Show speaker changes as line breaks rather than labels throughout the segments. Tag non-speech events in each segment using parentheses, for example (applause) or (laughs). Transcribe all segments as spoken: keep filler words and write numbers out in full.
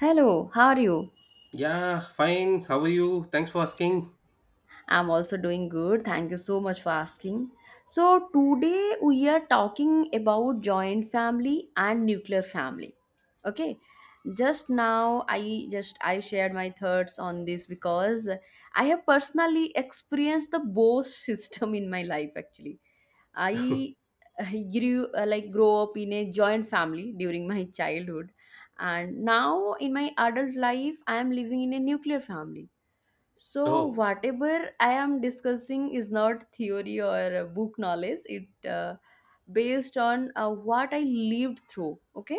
Hello, how are you?
Yeah, fine. How are you? Thanks for asking.
I'm also doing good. Thank you so much for asking. So, today we are talking about joint family and nuclear family. Okay? Just now I just I shared my thoughts on this because I have personally experienced the both (laughs) system in my life actually. I uh, grew uh, like grow up in a joint family during my (laughs) childhood, and now in my adult life I am living in a nuclear family. So,
Oh,
whatever I am discussing is not theory or uh, book knowledge. It uh, based on uh, what I lived through. Okay,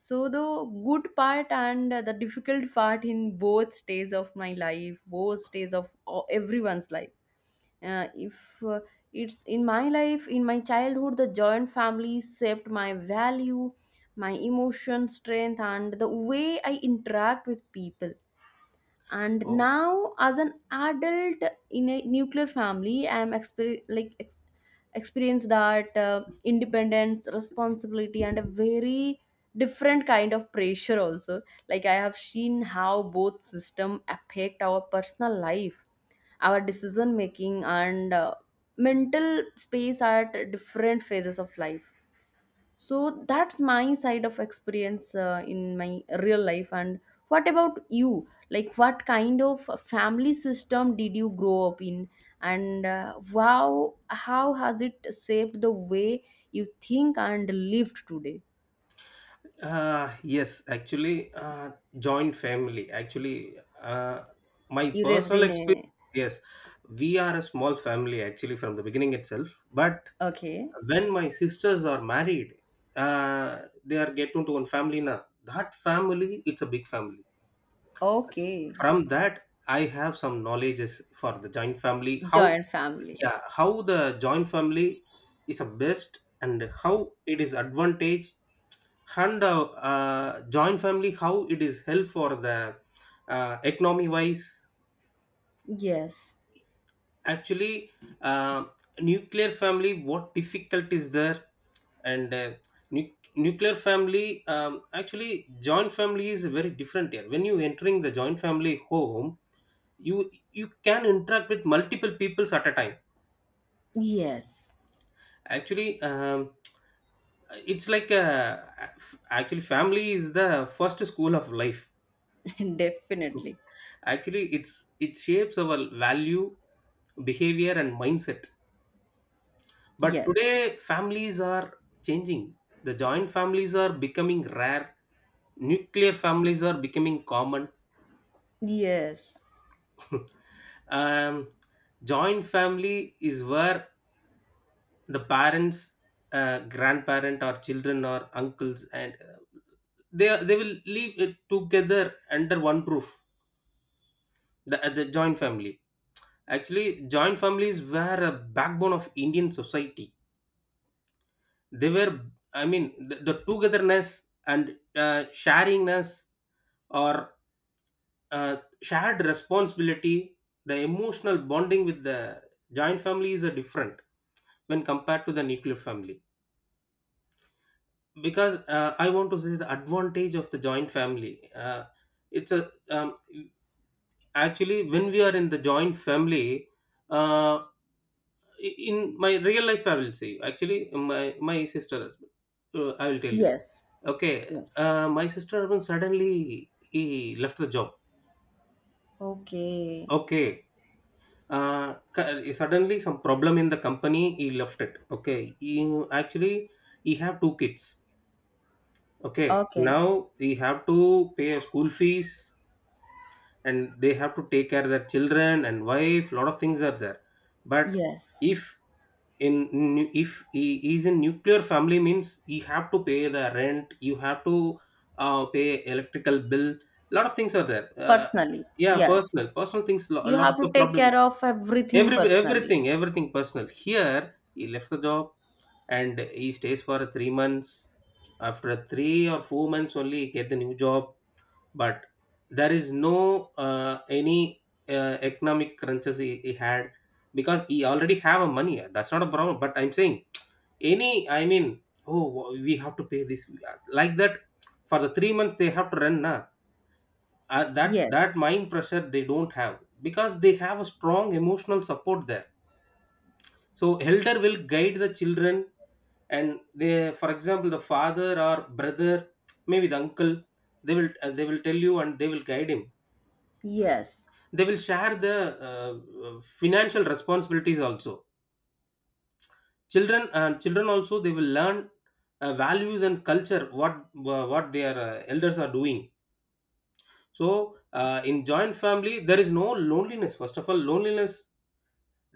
so the good part and uh, the difficult part in both stages of my life, both stages of uh, everyone's life. Uh, if uh, it's in my life, in my childhood, the joint family shaped my value, my emotion, strength, and the way I interact with people. And
oh.
now, as an adult in a nuclear family, I am exper- like ex- experience that uh, independence, responsibility, and a very different kind of pressure also. Like, I have seen how both system affect our personal life, our decision making, and uh, mental space at different phases of life. So that's my side of experience uh, in my real life. And what about you? Like, what kind of family system did you grow up in? And uh, wow, how has it shaped the way you think and lived today?
Uh, yes, actually, uh, joint family. Actually, uh, my
You raised
personal
in
experience,
a,
yes, we are a small family actually from the beginning itself. But
okay,
when my sisters are married, uh, they are get into one family now. That family, it's a big family.
okay,
From that, I have some knowledges for the joint family. How,
joint family.
yeah, how the joint family is a best and how it is advantage and uh, uh, joint family how it is help for the uh, economy wise.
Yes,
Actually, uh, nuclear family what difficult is there and uh, nu- nuclear family um, actually joint family is very different here. When you entering the joint family home, you you can interact with multiple peoples at a time.
yes,
Actually, um, it's like a, actually family is the first school of life.
(laughs) definitely.
Actually it's it shapes our value, behavior and mindset, but
Yes,
today families are changing. The joint families are becoming rare, nuclear families are becoming common.
yes,
(laughs) um, joint family is where the parents, uh, grandparent or children or uncles and uh, they are- they will live it together under one roof. The, uh, the joint family, actually joint families were a backbone of Indian society. They were, I mean, the, the, togetherness and uh, sharingness or uh, shared responsibility. The emotional bonding with the joint family is a different when compared to the nuclear family, because uh, I want to say the advantage of the joint family. Uh, it's a, um, actually when we are in the joint family, uh, in my real life I will say, actually my my sister husband. uh, I will tell you.
yes,
Okay,
yes.
uh, my sister husband suddenly he left the job.
Okay,
Okay, uh, cu- suddenly some problem in the company, he left it. Okay, he, actually he have two kids. Okay,
okay.
now he have to pay a school fees, and they have to take care of their children and wife. Lot of things are there. But
Yes,
if in nu- if he is in nuclear family means, he have to pay the rent, you have to uh, pay electrical bill, lot of things are there. Uh,
personally.
yeah,
Yes.
personal personal things, lo- a
You
lot
have
of
to
the
take care
problem.
of everything
every
personally.
everything everything personal here. He left the job and he stays for three months. After three or four months only, he get the new job. But there is no uh, any uh, economic crunches he, he had, because he already have a money. That's not a problem. But I'm saying, any, I mean, oh, we have to pay this, like that. For the three months they have to run na. uh, that that
Yes.
mind pressure they don't have, because they have a strong emotional support there. So elder will guide the children, and they, for example the father or brother, maybe the uncle, they will, uh, they will tell you and they will guide him.
Yes.
They will share the uh, uh, financial responsibilities also. Children and children also they will learn uh, values and culture what, uh, what their uh, elders are doing. So uh, in joint family there is no loneliness. First of all, loneliness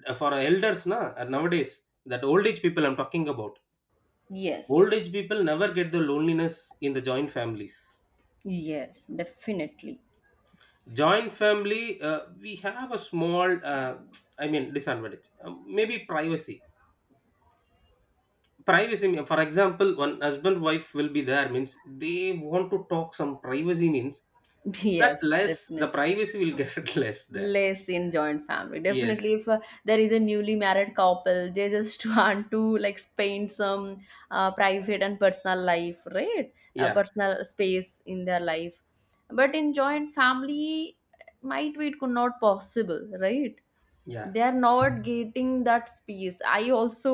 uh, for elders na, uh, nowadays, that old age people I'm talking about.
Yes.
Old age people never get the loneliness in the joint families.
Yes, definitely.
Joint family, uh, we have a small, uh, I mean, disadvantage, uh, maybe privacy. Privacy mean- for example, one husband wife will be there means, they want to talk some privacy means
(laughs)
that
Yes,
less, the
definitely.
privacy will get (laughs) less there.
Less in joint family,
Yes,
definitely. If uh, there is a newly married couple, they just (laughs) want to like spend some uh, private and personal life, right? uh,
yeah,
personal space in their life. But in joint family, might be it could not possible, right?
yeah,
They are not getting that space. I also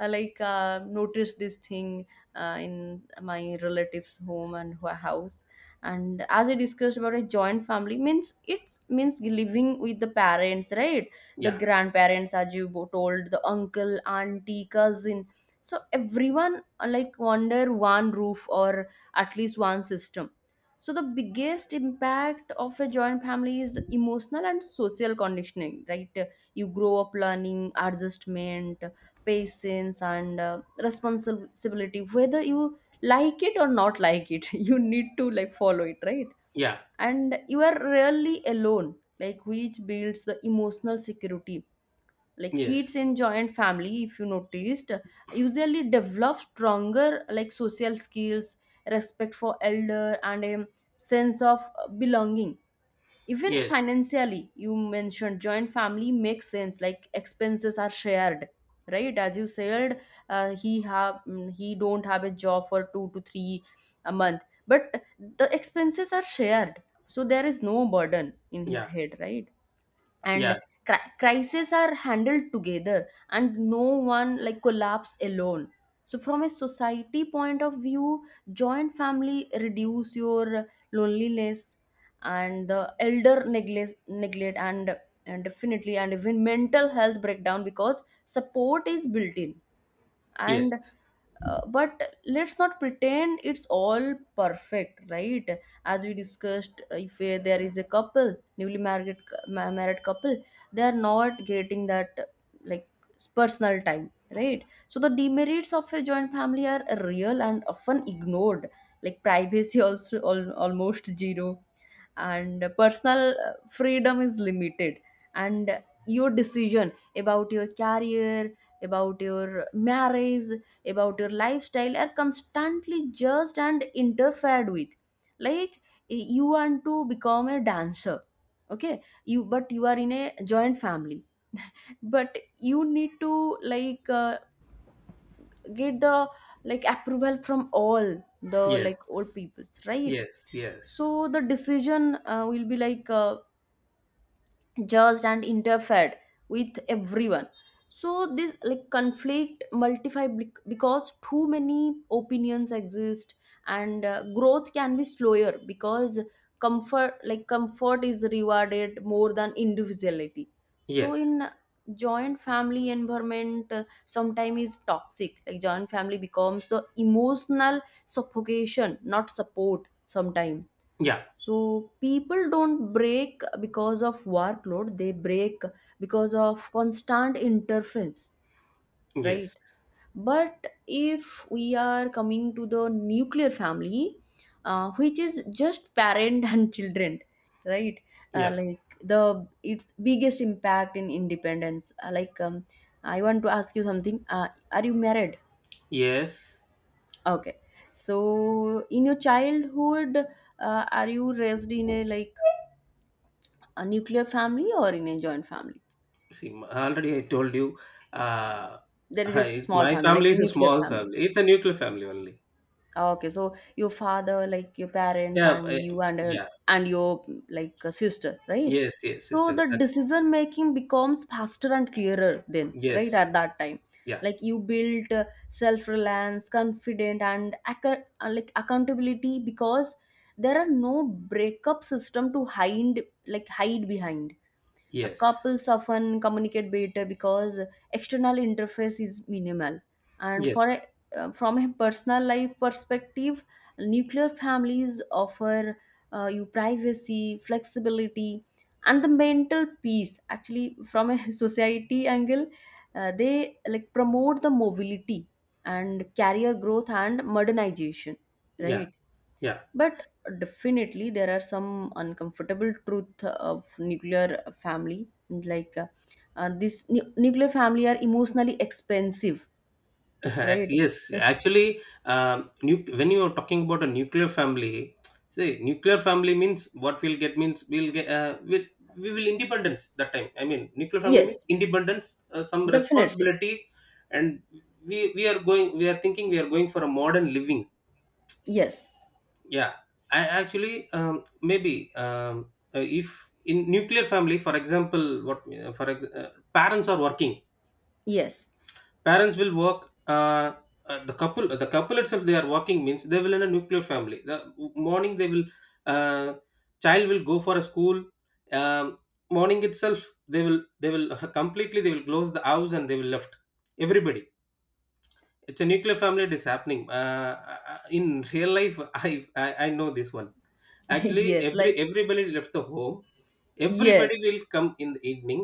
uh, like uh, noticed this thing uh, in my relatives home and ho- house. And as we discussed, about a joint family means it's means living with the parents, right? The
yeah,
grandparents, as you bo- told, the uncle, auntie, cousin, so everyone, uh, like, under one roof or at least one system. So the biggest impact of a joint family is emotional and social conditioning, right? You grow up learning adjustment, patience, and uh, responsibility. Whether you like it or not like it, (laughs) you need to like follow it, right?
yeah,
And you are rarely alone, like, which builds the emotional security. Like, kids
yes,
in joint family, if you noticed, usually develop stronger like social skills, respect for elder, and a sense of belonging. Even
yes,
financially, you mentioned joint family makes sense. Like, expenses are shared, right? As you said, uh, he have, mm, he don't have a job for two to three a month, but the expenses are shared, so there is no burden in his
yeah,
head, right? And
yeah,
cri- crises are handled together, and no one like collapse alone. So from a society point of view, joint family reduce your loneliness, and the elder neglect neglect and, and definitely, and even mental health breakdown because support is built in.
yes,
And uh, but let's not pretend it's all perfect, right? As we discussed, if uh, there is a couple newly married, ma- married couple, they are not getting that uh, like personal time, right? So the demerits of a joint family are real and often ignored. Like, privacy (laughs) also al- almost zero, and personal uh, freedom is limited, and your decision about your career, about your marriage, about your lifestyle are constantly judged and interfered with. Like, you want to become a dancer, okay? You but you are in a joint family, but you need to like uh, get the like approval from all the
yes,
like old peoples, right?
yes, yes,
So the decision uh, will be like uh, judged and interfered with everyone. So this like conflict multiply bec- because too many opinions exist, and uh, growth can be slower because comfort like comfort is rewarded more than individuality. So
yes,
in joint family environment, uh, sometimes is toxic. Like, joint family becomes the emotional suffocation, not support sometimes.
yeah,
So people don't break because of workload, they break because of constant interference, right?
yes,
But if we are coming to the nuclear family, uh, which is just parent (laughs) and children, right? Uh,
yeah,
like, the its biggest impact in independence. Uh, like, um, I want to ask you something. Uh, are you married?
yes.
Okay. So in your childhood, uh, are you raised in a, like, a nuclear family or in a joint family?
See, m- already I told you. uh
There is a
I,
small
my
family, like
family is a
nuclear
small
family.
family, it's a nuclear family only.
Okay, so your father, like your parents,
Yeah.
and
I-
you and uh,
yeah.
and your, like, a sister, right?
Yes, yes,
So
sister.
the
That's.
decision making becomes faster and clearer then, right?
Yes.
At that time,
Yeah.
like, you build uh, self reliance, confident, and acc- uh, like accountability, because there are no breakup system to hide like hide behind. Uh,
Yes.
couples often communicate better because external interface is minimal. And for
Yes.
a, uh, from a personal life perspective, nuclear families offer uh, you privacy, flexibility, and the mental peace. Actually, from a (laughs) society angle, uh, they like promote the mobility and career growth and modernization,
Yeah.
right?
Yeah.
But definitely there are some uncomfortable truth of nuclear family, like, uh, uh, this nu- nuclear family are emotionally expensive,
(laughs)
right?
Yes.
(laughs)
Actually, um, nu- when you are talking about a nuclear family, say nuclear family means what we'll get means we'll get, uh, we'll, we will independence that time. I mean, nuclear family means
Yes,
independence, uh, some
definitely.
responsibility, and we we are going. We are thinking we are going for a modern living.
Yes,
Yeah. I, actually, um, maybe um, uh, if in nuclear family, for example, what, uh, for ex- uh, parents are working.
yes.
Parents will work. uh, uh, the couple the couple itself, they are working means they will, in a nuclear family, the morning they will, uh, child will go for a school. um, Morning itself, they will they will (laughs) completely, they will close the house and they will left everybody. It's a nuclear family, it is happening, uh, uh, in real life. (laughs) I, I i know this one.
(laughs)
Actually
Yes.
every
Like,
everybody left the home. Everybody
yes.
will come in the evening,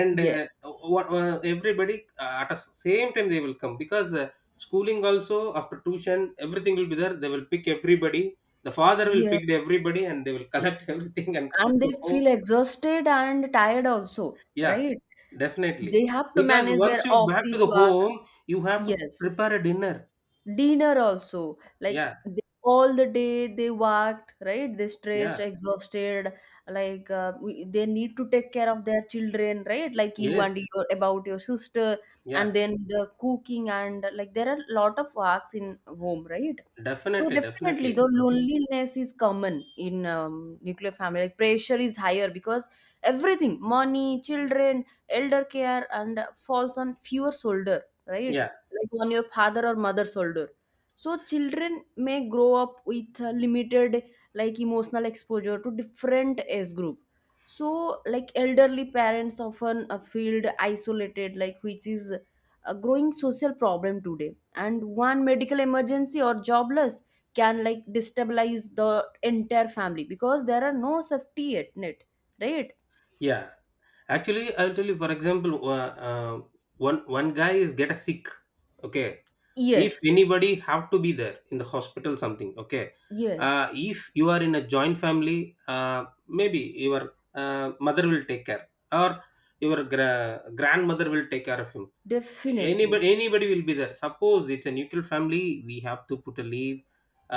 and
Yes.
uh, what, uh, everybody, uh, at the same time they will come, because uh, schooling also, after tuition everything will be there, they will pick everybody. The father will
Yeah.
pick everybody and they will collect (laughs) everything and come
And they
to home.
feel exhausted and tired also,
Yeah,
right?
definitely,
They have to
because
manage their
once you back to
office
the
work.
home, you have to
Yes,
prepare a dinner.
dinner also, like,
Yeah.
they, all the day they worked, right? They stressed,
Yeah.
exhausted. Like, uh, we, they need to take care of their children, right? Like you
Yes.
and your, about your sister, and
Yeah.
then the cooking, and like there are a lot of works in home, right? So
Definitely,
definitely the
definitely.
loneliness is common in um, nuclear family. Like, pressure is higher because everything, money, children, elder care, and falls on fewer shoulder, right?
Yeah.
Like, on your father or mother's shoulder. So children may grow up with a limited, like, emotional exposure to different age group. So like elderly parents often uh, feel isolated, like, which is a growing social problem today, and one medical emergency or jobless can like destabilize the entire family because there are no safety net net, right?
Yeah, actually I'll tell you, for example, uh, uh, one one guy is get a sick. Okay, if
Yes,
anybody have to be there in the hospital something. Okay,
yes,
uh, if you are in a joint family, uh, maybe your uh, mother will take care, or your gra- grandmother will take care of him.
definitely.
Anybody anybody will be there. Suppose it's a nuclear family, we have to put a leave,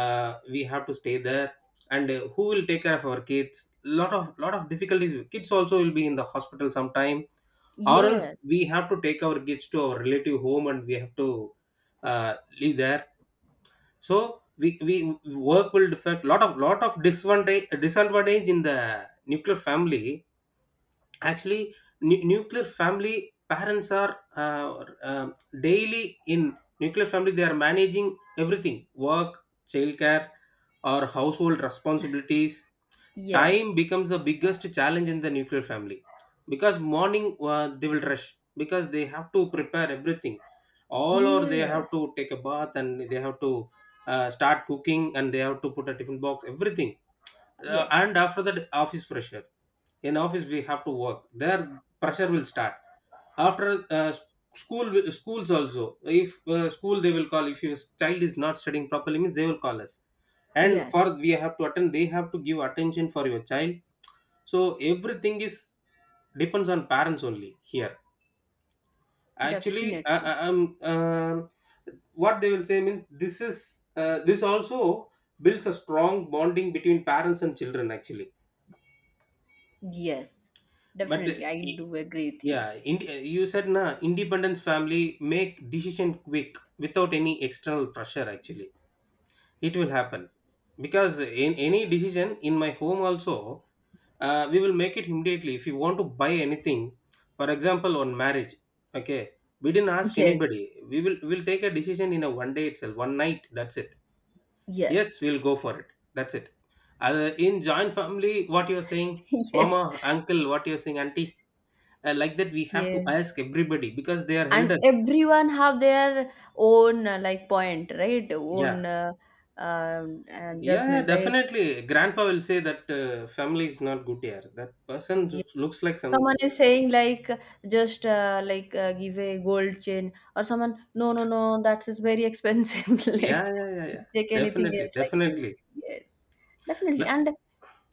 uh, we have to stay there. And uh, who will take care of our kids? Lot of lot of difficulties. Kids also will be in the hospital sometime, or else
Yes,
we have to take our kids to our relative home and we have to uh, live there. So we, we, work will affect, lot of lot of disadvantage disadvantage in the nuclear family. Actually nu- nuclear family parents are uh, um daily, in nuclear family they are managing everything: work, childcare, or household responsibilities. Time
yes.
becomes the biggest challenge in the nuclear family, because morning uh, they will rush, because they have to prepare everything all, or they have to
Yes,
take a bath and they have to uh, start cooking, and they have to put a tiffin box everything. Uh,
yes,
and after that office pressure, in office we have to work there, pressure will start. After uh, s- school will- schools also, if uh, school, they will call. If your child is not studying properly means, they will call us, and
yes,
for we have to attend, they have to give attention for your child. So everything is depends on parents only here. Actually I,
definitely.
I, I'm um what they will say means, this is, uh, this also builds a strong bonding between parents and children, actually.
Yes,
But
definitely. I
uh,
do agree with you.
yeah ind- you said na, independence family make decision quick without any external pressure. Actually it will happen, because in any decision in my home also, uh, we will make it immediately. If you want to buy anything, for example, on marriage, okay, we didn't ask
Yes,
anybody, we will, we'll take a decision in a one day itself, one night, that's it. Yes,
yes,
we'll go for it, that's it. Uh, in joint family, what you're saying,
(laughs)
mama,
yes,
uncle, what you're saying, auntie, and like that we have to
yes.
ask everybody because they are
And
elders.
everyone have their own uh, like point, right?
Yeah.
Own uh, um, uh,
Yeah, yeah,
judgment. Like,
definitely. Grandpa will say that, uh, family is not good here, that person,
yeah.
loo- looks like some.
Someone is saying, like, just uh, like uh, give a gold chain, or someone, no, no, no, that is very expensive. (laughs)
Yeah,
Let's
yeah, yeah, yeah.
take anything
Definitely,
else like this.
definitely.
Yes, definitely.
But
And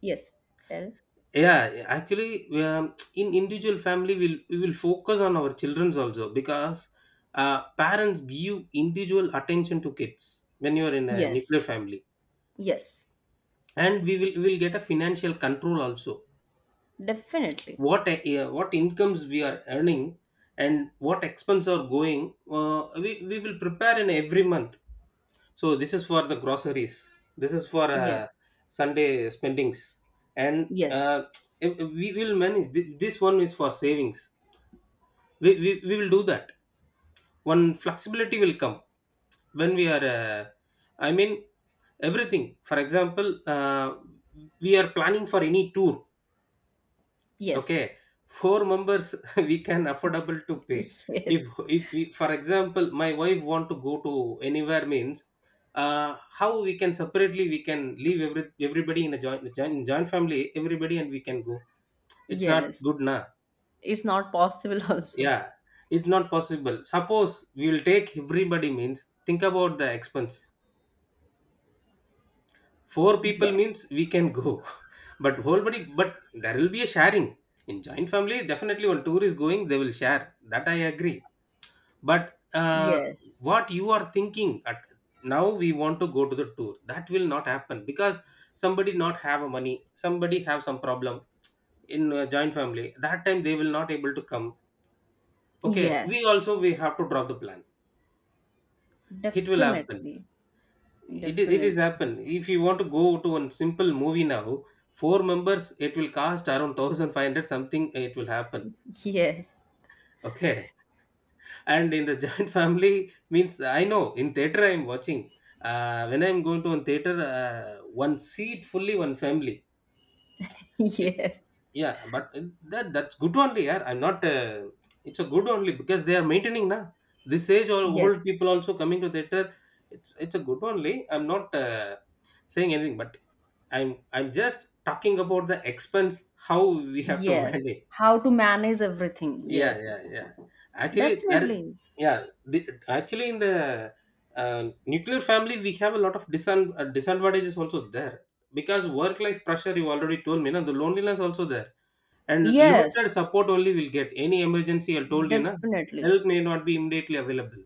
yes. Tell.
yeah, yeah, actually, um, in individual family we'll, we will focus on our children's also, because uh, parents give individual attention to kids when you are in a nuclear
Yes.
family.
Yes.
And we will we will get a financial control also,
Definitely.
what, uh, what incomes we are earning, and what expense are going. uh, we, we will prepare in every month. So this is for the groceries, this is for,
Yes.
uh, Sunday spendings, and
Yes.
uh, if- if we will manage. Th- this one is for savings, we, we, we will do that. One flexibility will come when we are, uh, I mean, everything, for example, uh, we are planning for any tour.
Yes.
Okay, four members (laughs) we can affordable to pay.
(laughs)
If
Yes.
if we, for example, my wife want to go to anywhere means, uh, how we can separately, we can leave every everybody in a joint, joint, joint family, everybody, and we can go. It's not
Yes.
good na.
It's not possible (laughs) also.
Yeah, it's not possible. Suppose we will take everybody means, think about the expense. Four people means
Yes.
we can go, (laughs) but whole body, but there will be a sharing in joint family. Definitely, when tour is going, they will share. That I agree but uh,
Yes.
what you are thinking at now we want to go to the tour that will not happen because somebody not have a money, somebody have some problem in a joint family. That time they will not able to come. Okay, we
Yes.
also we have to drop the plan. It will happen.
Definitely.
It is it is
Definitely.
happen. If you want to go to a simple movie now, four members it will cost around one thousand five hundred something. It will happen.
Yes. (laughs)
Okay. And in the (laughs) giant family means I know in theater I'm watching. Uh, when I'm going to one theater, uh, one seat fully one family it,
Yes.
yeah, but that that's good only. Yeah, I'm not uh, it's a good only because they are maintaining now this age. All old
Yes.
people also coming to theater. It's it's a good only. I'm not uh, saying anything, but i'm i'm just talking about the expense, how we have to (laughs)
Yes.
manage.
How to manage everything.
Yeah,
Yes.
yeah, yeah. Actually, that
Definitely.
yeah. The, actually, in the uh, nuclear family, we have a lot of disan- uh, disadvantages also there because work-life pressure. You already told me, na the loneliness also there, and
Yes.
limited support only will get. Any emergency, I told you, na
Definitely.
help may not be immediately available.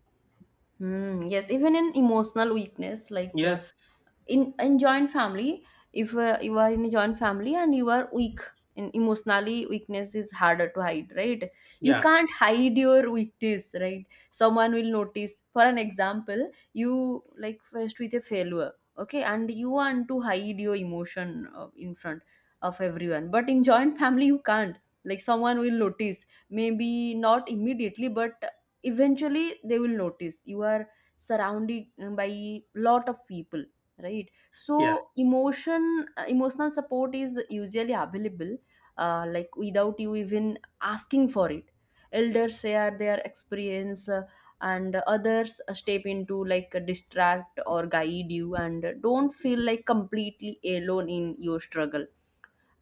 Hmm, yes, even in emotional weakness, like, uh,
Yes.
in in joint family, if uh, you are in a joint family and you are weak, in emotionally weakness is harder to hide, right? You
Yeah.
can't hide your weakness, right? Someone will notice. For an example, you like faced with a failure, okay, and you want to hide your emotion uh, in front of everyone, but in joint family you can't. Like, someone will notice, maybe not immediately, but eventually they will notice. You are surrounded uh, by lot of people, right?
Yeah.
So emotion uh, emotional support is usually available, uh, like, without you even asking for it. Elders share their experience, uh, and others uh, step into, like, distract or guide you, and don't feel like completely alone in your struggle,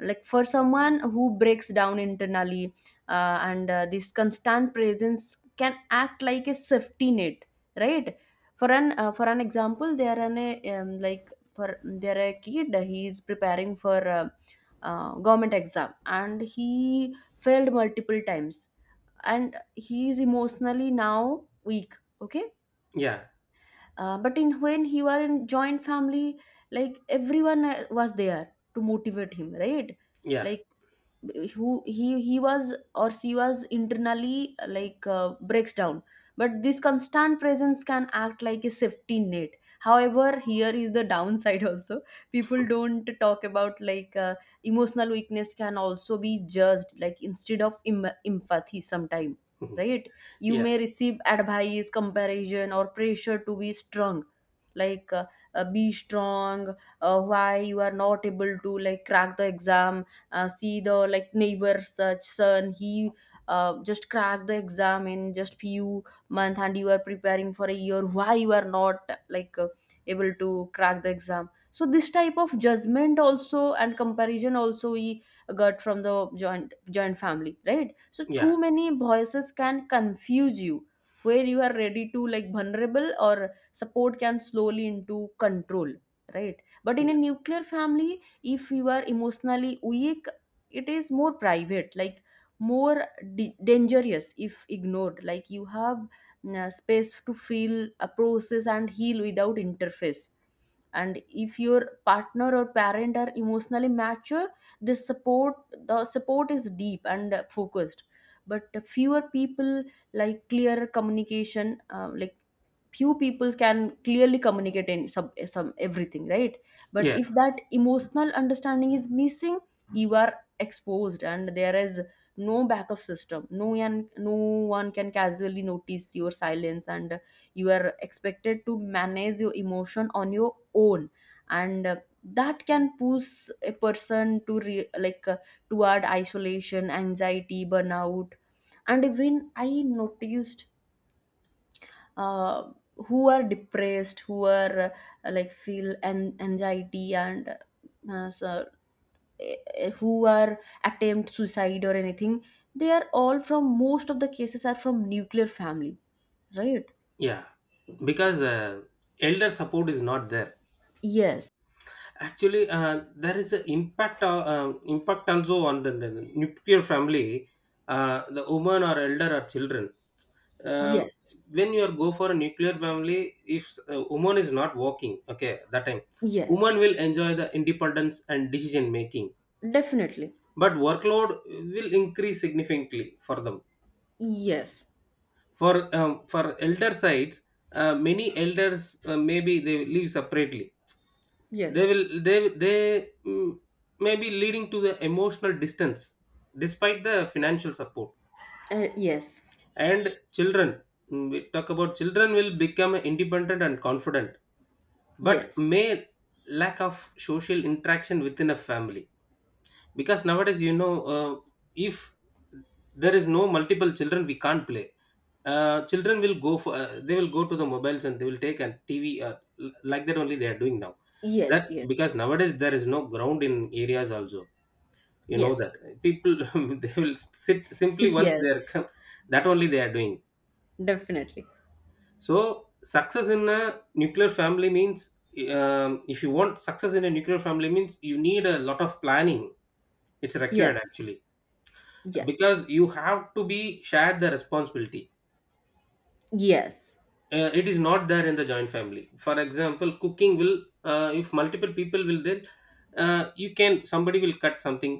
like, for someone who breaks down internally. Uh, and uh, This constant presence can act like a safety net, right? For an uh, for an example, there an a, um, like, for there a kid, he is preparing for uh, uh, government exam and he failed multiple times, and he is emotionally now weak, okay?
Yeah.
Uh, but in when he were in joint family, like, everyone uh, was there to motivate him, right?
Yeah.
Like, who he he was or she was internally uh, like uh, breaks down, but this constant presence can act like a safety net. However, here is the downside also. People don't talk about, like, uh, emotional weakness can also be judged, like, instead of em- empathy sometime,
Mhm.
right? You
Yeah.
may receive advice, comparison, or pressure to be strong. Like, uh, uh, be strong. Uh, why you are not able to like crack the exam? Uh, see, the like neighbor such son, he uh, just cracked the exam in just few month, and you are preparing for a year, why you are not, like, uh, able to crack the exam? So this type of judgment also and comparison also we got from the joint joint family, right? So
Yeah.
too many Voices can confuse you where you are ready to like vulnerable or support can slowly into control, right? But in a
Yeah.
nuclear family, if you are emotionally weak, it is more private, like more d- dangerous if ignored. Like you have mm, uh, space to feel a process and heal without interface. And if your partner or parent are emotionally mature, this support, the support is deep and uh, focused, but fewer people. Like clear communication, uh, like few people can clearly communicate in some some everything, right? But
Yeah.
if that emotional understanding is missing, you are exposed and there is no backup system, no one no one can casually notice your silence, and you are expected to manage your emotion on your own. And uh, that can push a person to re- like uh, toward isolation, anxiety, burnout. And even I noticed, uh, who are depressed, who are uh, like feel an- anxiety, and uh, so, eh, eh, who are attempt suicide or anything, they are all from, most of the cases are from nuclear family, right?
Yeah. Because uh, elder support is not there.
Yes.
Actually, uh, there is an impact uh, uh, impact also on the, the nuclear family, uh, the woman or elder or children. Um
Yes.
when you are go for a nuclear family, if uh, woman is not working, okay, that time
Yes,
woman will enjoy the independence and decision making,
definitely.
but workload will increase significantly for them.
Yes.
For um, for elder sides, uh, many elders uh, maybe they live separately. They
Yes.
will they they mm, may be leading to the emotional distance despite the financial support.
Uh, yes.
And children mm, we talk about children will become independent and confident, but
Yes.
may lack of social interaction within a family. Because nowadays you know, uh, if there is no multiple children we can't play. Uh, children will go for uh, they will go to the mobiles and they will take a tv uh, l- like that only they are doing now. That
Yes. Yes.
because nowadays there is no ground in areas also, you know
Yes.
that. People (laughs) they will sit
(laughs)
simply once they
Yes.
are come. That only they are doing.
Definitely.
So success in a nuclear family means um, if you want success in a nuclear family means you need a lot of planning. It's required
Yes.
actually
Yes.
because you have to be shared the responsibility.
Yes.
Uh, it is not there in the joint family. For example, cooking will, uh, if multiple people will there, uh, you can somebody will cut something,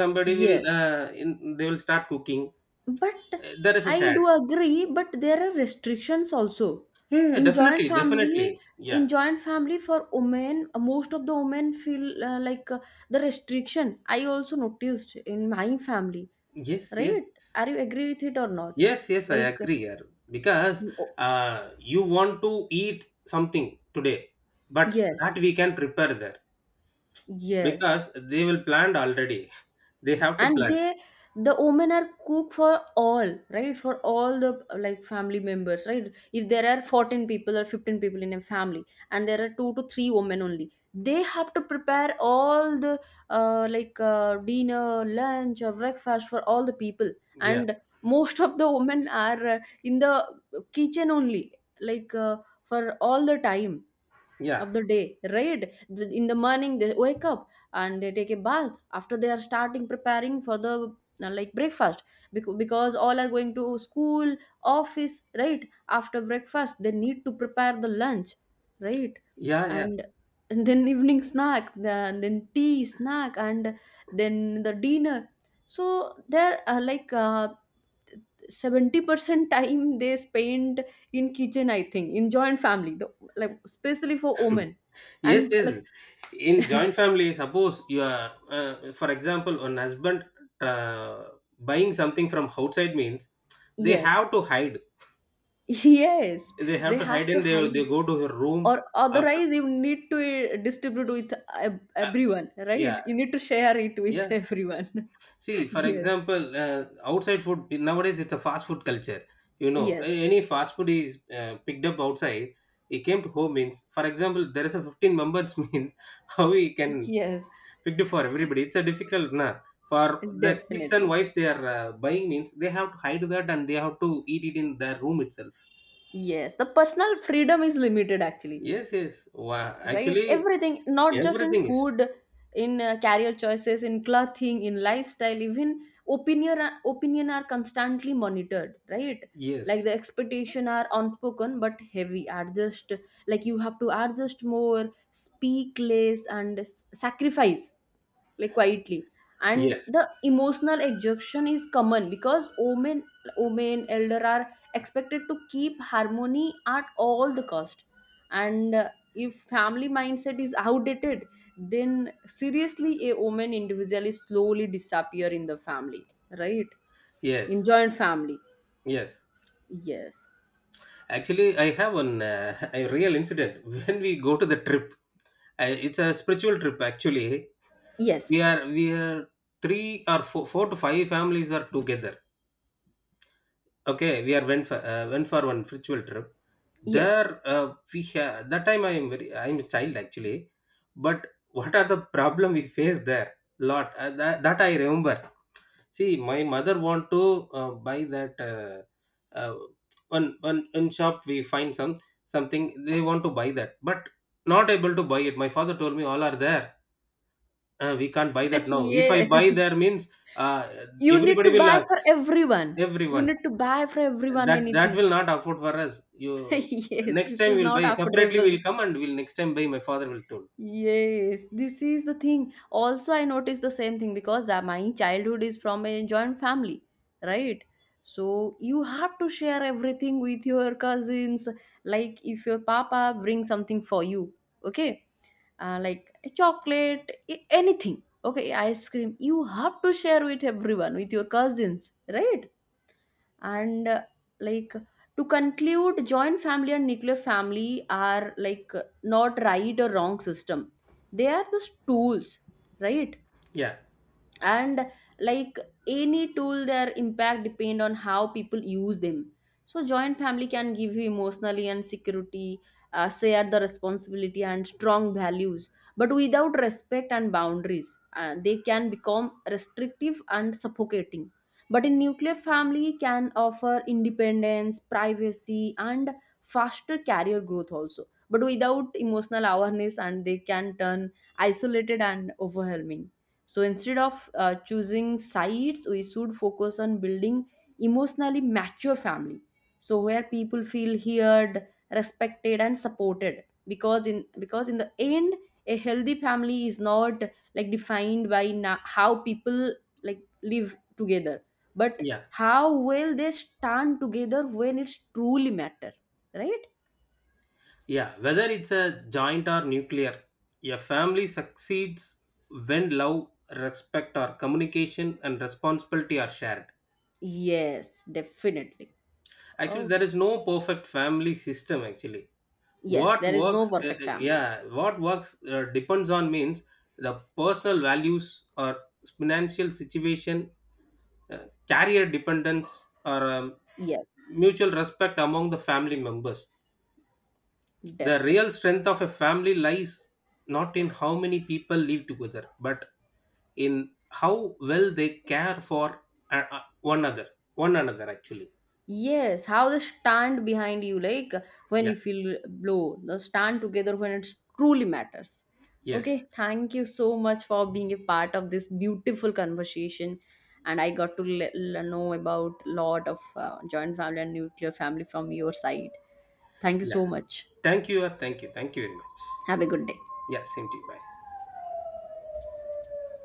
somebody will
Yes.
uh, in, they will start cooking.
But
Uh, there is a
I
share.
do agree, but there are restrictions also.
Yeah, yeah,
In joint
definitely,
family,
definitely.
in
Yeah.
joint family for women, uh, most of the women feel uh, like uh, the restriction. I also noticed in my family,
Yes, yes.
right? Are you agree with it or not?
Yes, yes, I
Like,
agree here. Because
uh,
uh, you want to eat something today, but
yes,
that we can prepare there
yes.
because they will plan already. (laughs) They have to
And
plan.
they, the women are cook for all, right? For all the like family members, right? If there are fourteen people or fifteen people in a family, and there are two to three women only, they have to prepare all the uh, like uh, dinner, lunch or breakfast for all the people.
Yeah,
And most of the women are uh, in the kitchen only, like uh, for all the time
yeah,
of the day, right? Th- in the morning they wake up and they take a bath, after they are starting preparing for the uh, like breakfast. Bec- because all are going to school, office, right? After breakfast they need to prepare the lunch, right?
yeah, yeah.
And and then (laughs) evening snack, then then tea snack, and then the dinner. So there are like uh, seventy percent time they spend in kitchen, I think, in joint family, the, like especially for
(laughs)
women.
Yes,
And
yes.
like
In joint family, suppose you are, uh, for example, an husband uh, buying something from outside means they
yes.
have to hide.
(laughs) Yes,
They
they
have to
have
hide
to
and they, they
hide.
go to her room
Or
after.
otherwise you need to uh, distribute with ev-
Uh,
everyone,
yeah,
right? You need to share it with (laughs)
yeah.
everyone.
See,
(laughs)
for
Yes.
example, uh, outside food nowadays it's a fast food culture. You know,
Yes.
a- any fast food is uh, picked up outside. It came to home means, for example, there is a fifteen members (laughs) means how we can
Yes,
pick it for everybody. It's a difficult na. For the kids and
definitely.
wife, they are uh, buying means they have to hide that and they have to eat it in their room itself.
Yes, the personal freedom is limited actually,
Yes, yes. Wow.
right?
Actually,
Everything, not just in
everything is
food, in uh, career choices, in clothing, in lifestyle, even opinion opinion are constantly monitored, right? Like
yes,
the expectation are unspoken but heavy, are just like you have to adjust more, speak less, and s- sacrifice like quietly. And
yes,
the emotional exhaustion is common, because women, women elder are expected to keep harmony at all the cost. And uh, if family mindset is outdated, then seriously a woman individually slowly disappear in the family, right? In
yes,
joint family.
yes.
Yes.
Actually, I have an uh, (laughs) a real incident (laughs) when we go to the trip. I, it's a spiritual trip actually. We
Yes.
are we are three or four, four to five families are together. Okay, we are went for uh, went for one spiritual trip.
Yes.
There uh, we ha- that time I am very I am a child actually, but what are the problem we faced there? Lot uh, that, that I remember. See, my mother want to uh, buy that uh, uh, one one in shop we find some something they want to buy that, but not able to buy it. My father told me all are there. Uh, we can't buy
(laughs)
that now. If I
Yes,
buy there means uh,
you need to
everybody will
buy
ask
for everyone. You
everyone.
need to buy for everyone
That that
anything.
will not afford for us. You
(laughs) Yes,
next
this
time
is
we'll
not
buy separately.
affordable.
We'll come and we'll next time buy. My father will told.
Yes, this is the thing. Also, I noticed the same thing, because uh, my childhood is from a joint family, right? So you have to share everything with your cousins. Like if your papa brings something for you, okay, uh, like a chocolate, a- anything, okay, ice cream, you have to share with everyone, with your cousins, right? And uh, like, to conclude, joint family and nuclear family are like not right or wrong system, they are just tools, right?
Yeah,
And like, any tool, their impact depend on how people use them. So joint family can give you emotionally and security, uh, share the responsibility and strong values, but without respect and boundaries, uh, they can become restrictive and suffocating. But a nuclear family can offer independence, privacy, and faster career growth also, but without emotional awareness and they can turn isolated and overwhelming. So instead of uh, choosing sides, we should focus on building emotionally mature family. So where people feel heard, respected, and supported. Because in because in the end, a healthy family is not like defined by na- how people like live together, but
yeah.
how well they stand together when it's truly matter, right?
Yeah, whether it's a joint or nuclear, a family succeeds when love, respect, or communication and responsibility are shared.
Yes, definitely.
Actually,
Oh,
there is no perfect family system. Actually,
yes,
what
there is no
works, uh, uh,
perfect family.
yeah, what works uh, depends on means the personal values or financial situation, uh, career dependence, or um,
Yes,
mutual respect among the family members. The
definitely.
real strength of a family lies not in how many people live together, but in how well they care for uh, uh, one another. One another, actually.
Yes, how they stand behind you, like when
Yeah.
you feel low, they stand together when it truly matters.
Yes.
Okay, thank you so much for being a part of this beautiful conversation, and I got to le- le- know about lot of uh, joint family and nuclear family from your side. Thank you
Yeah.
so much.
Thank you. uh, Thank you. Thank you very much.
Have a good day.
Yeah. Same to you. Bye.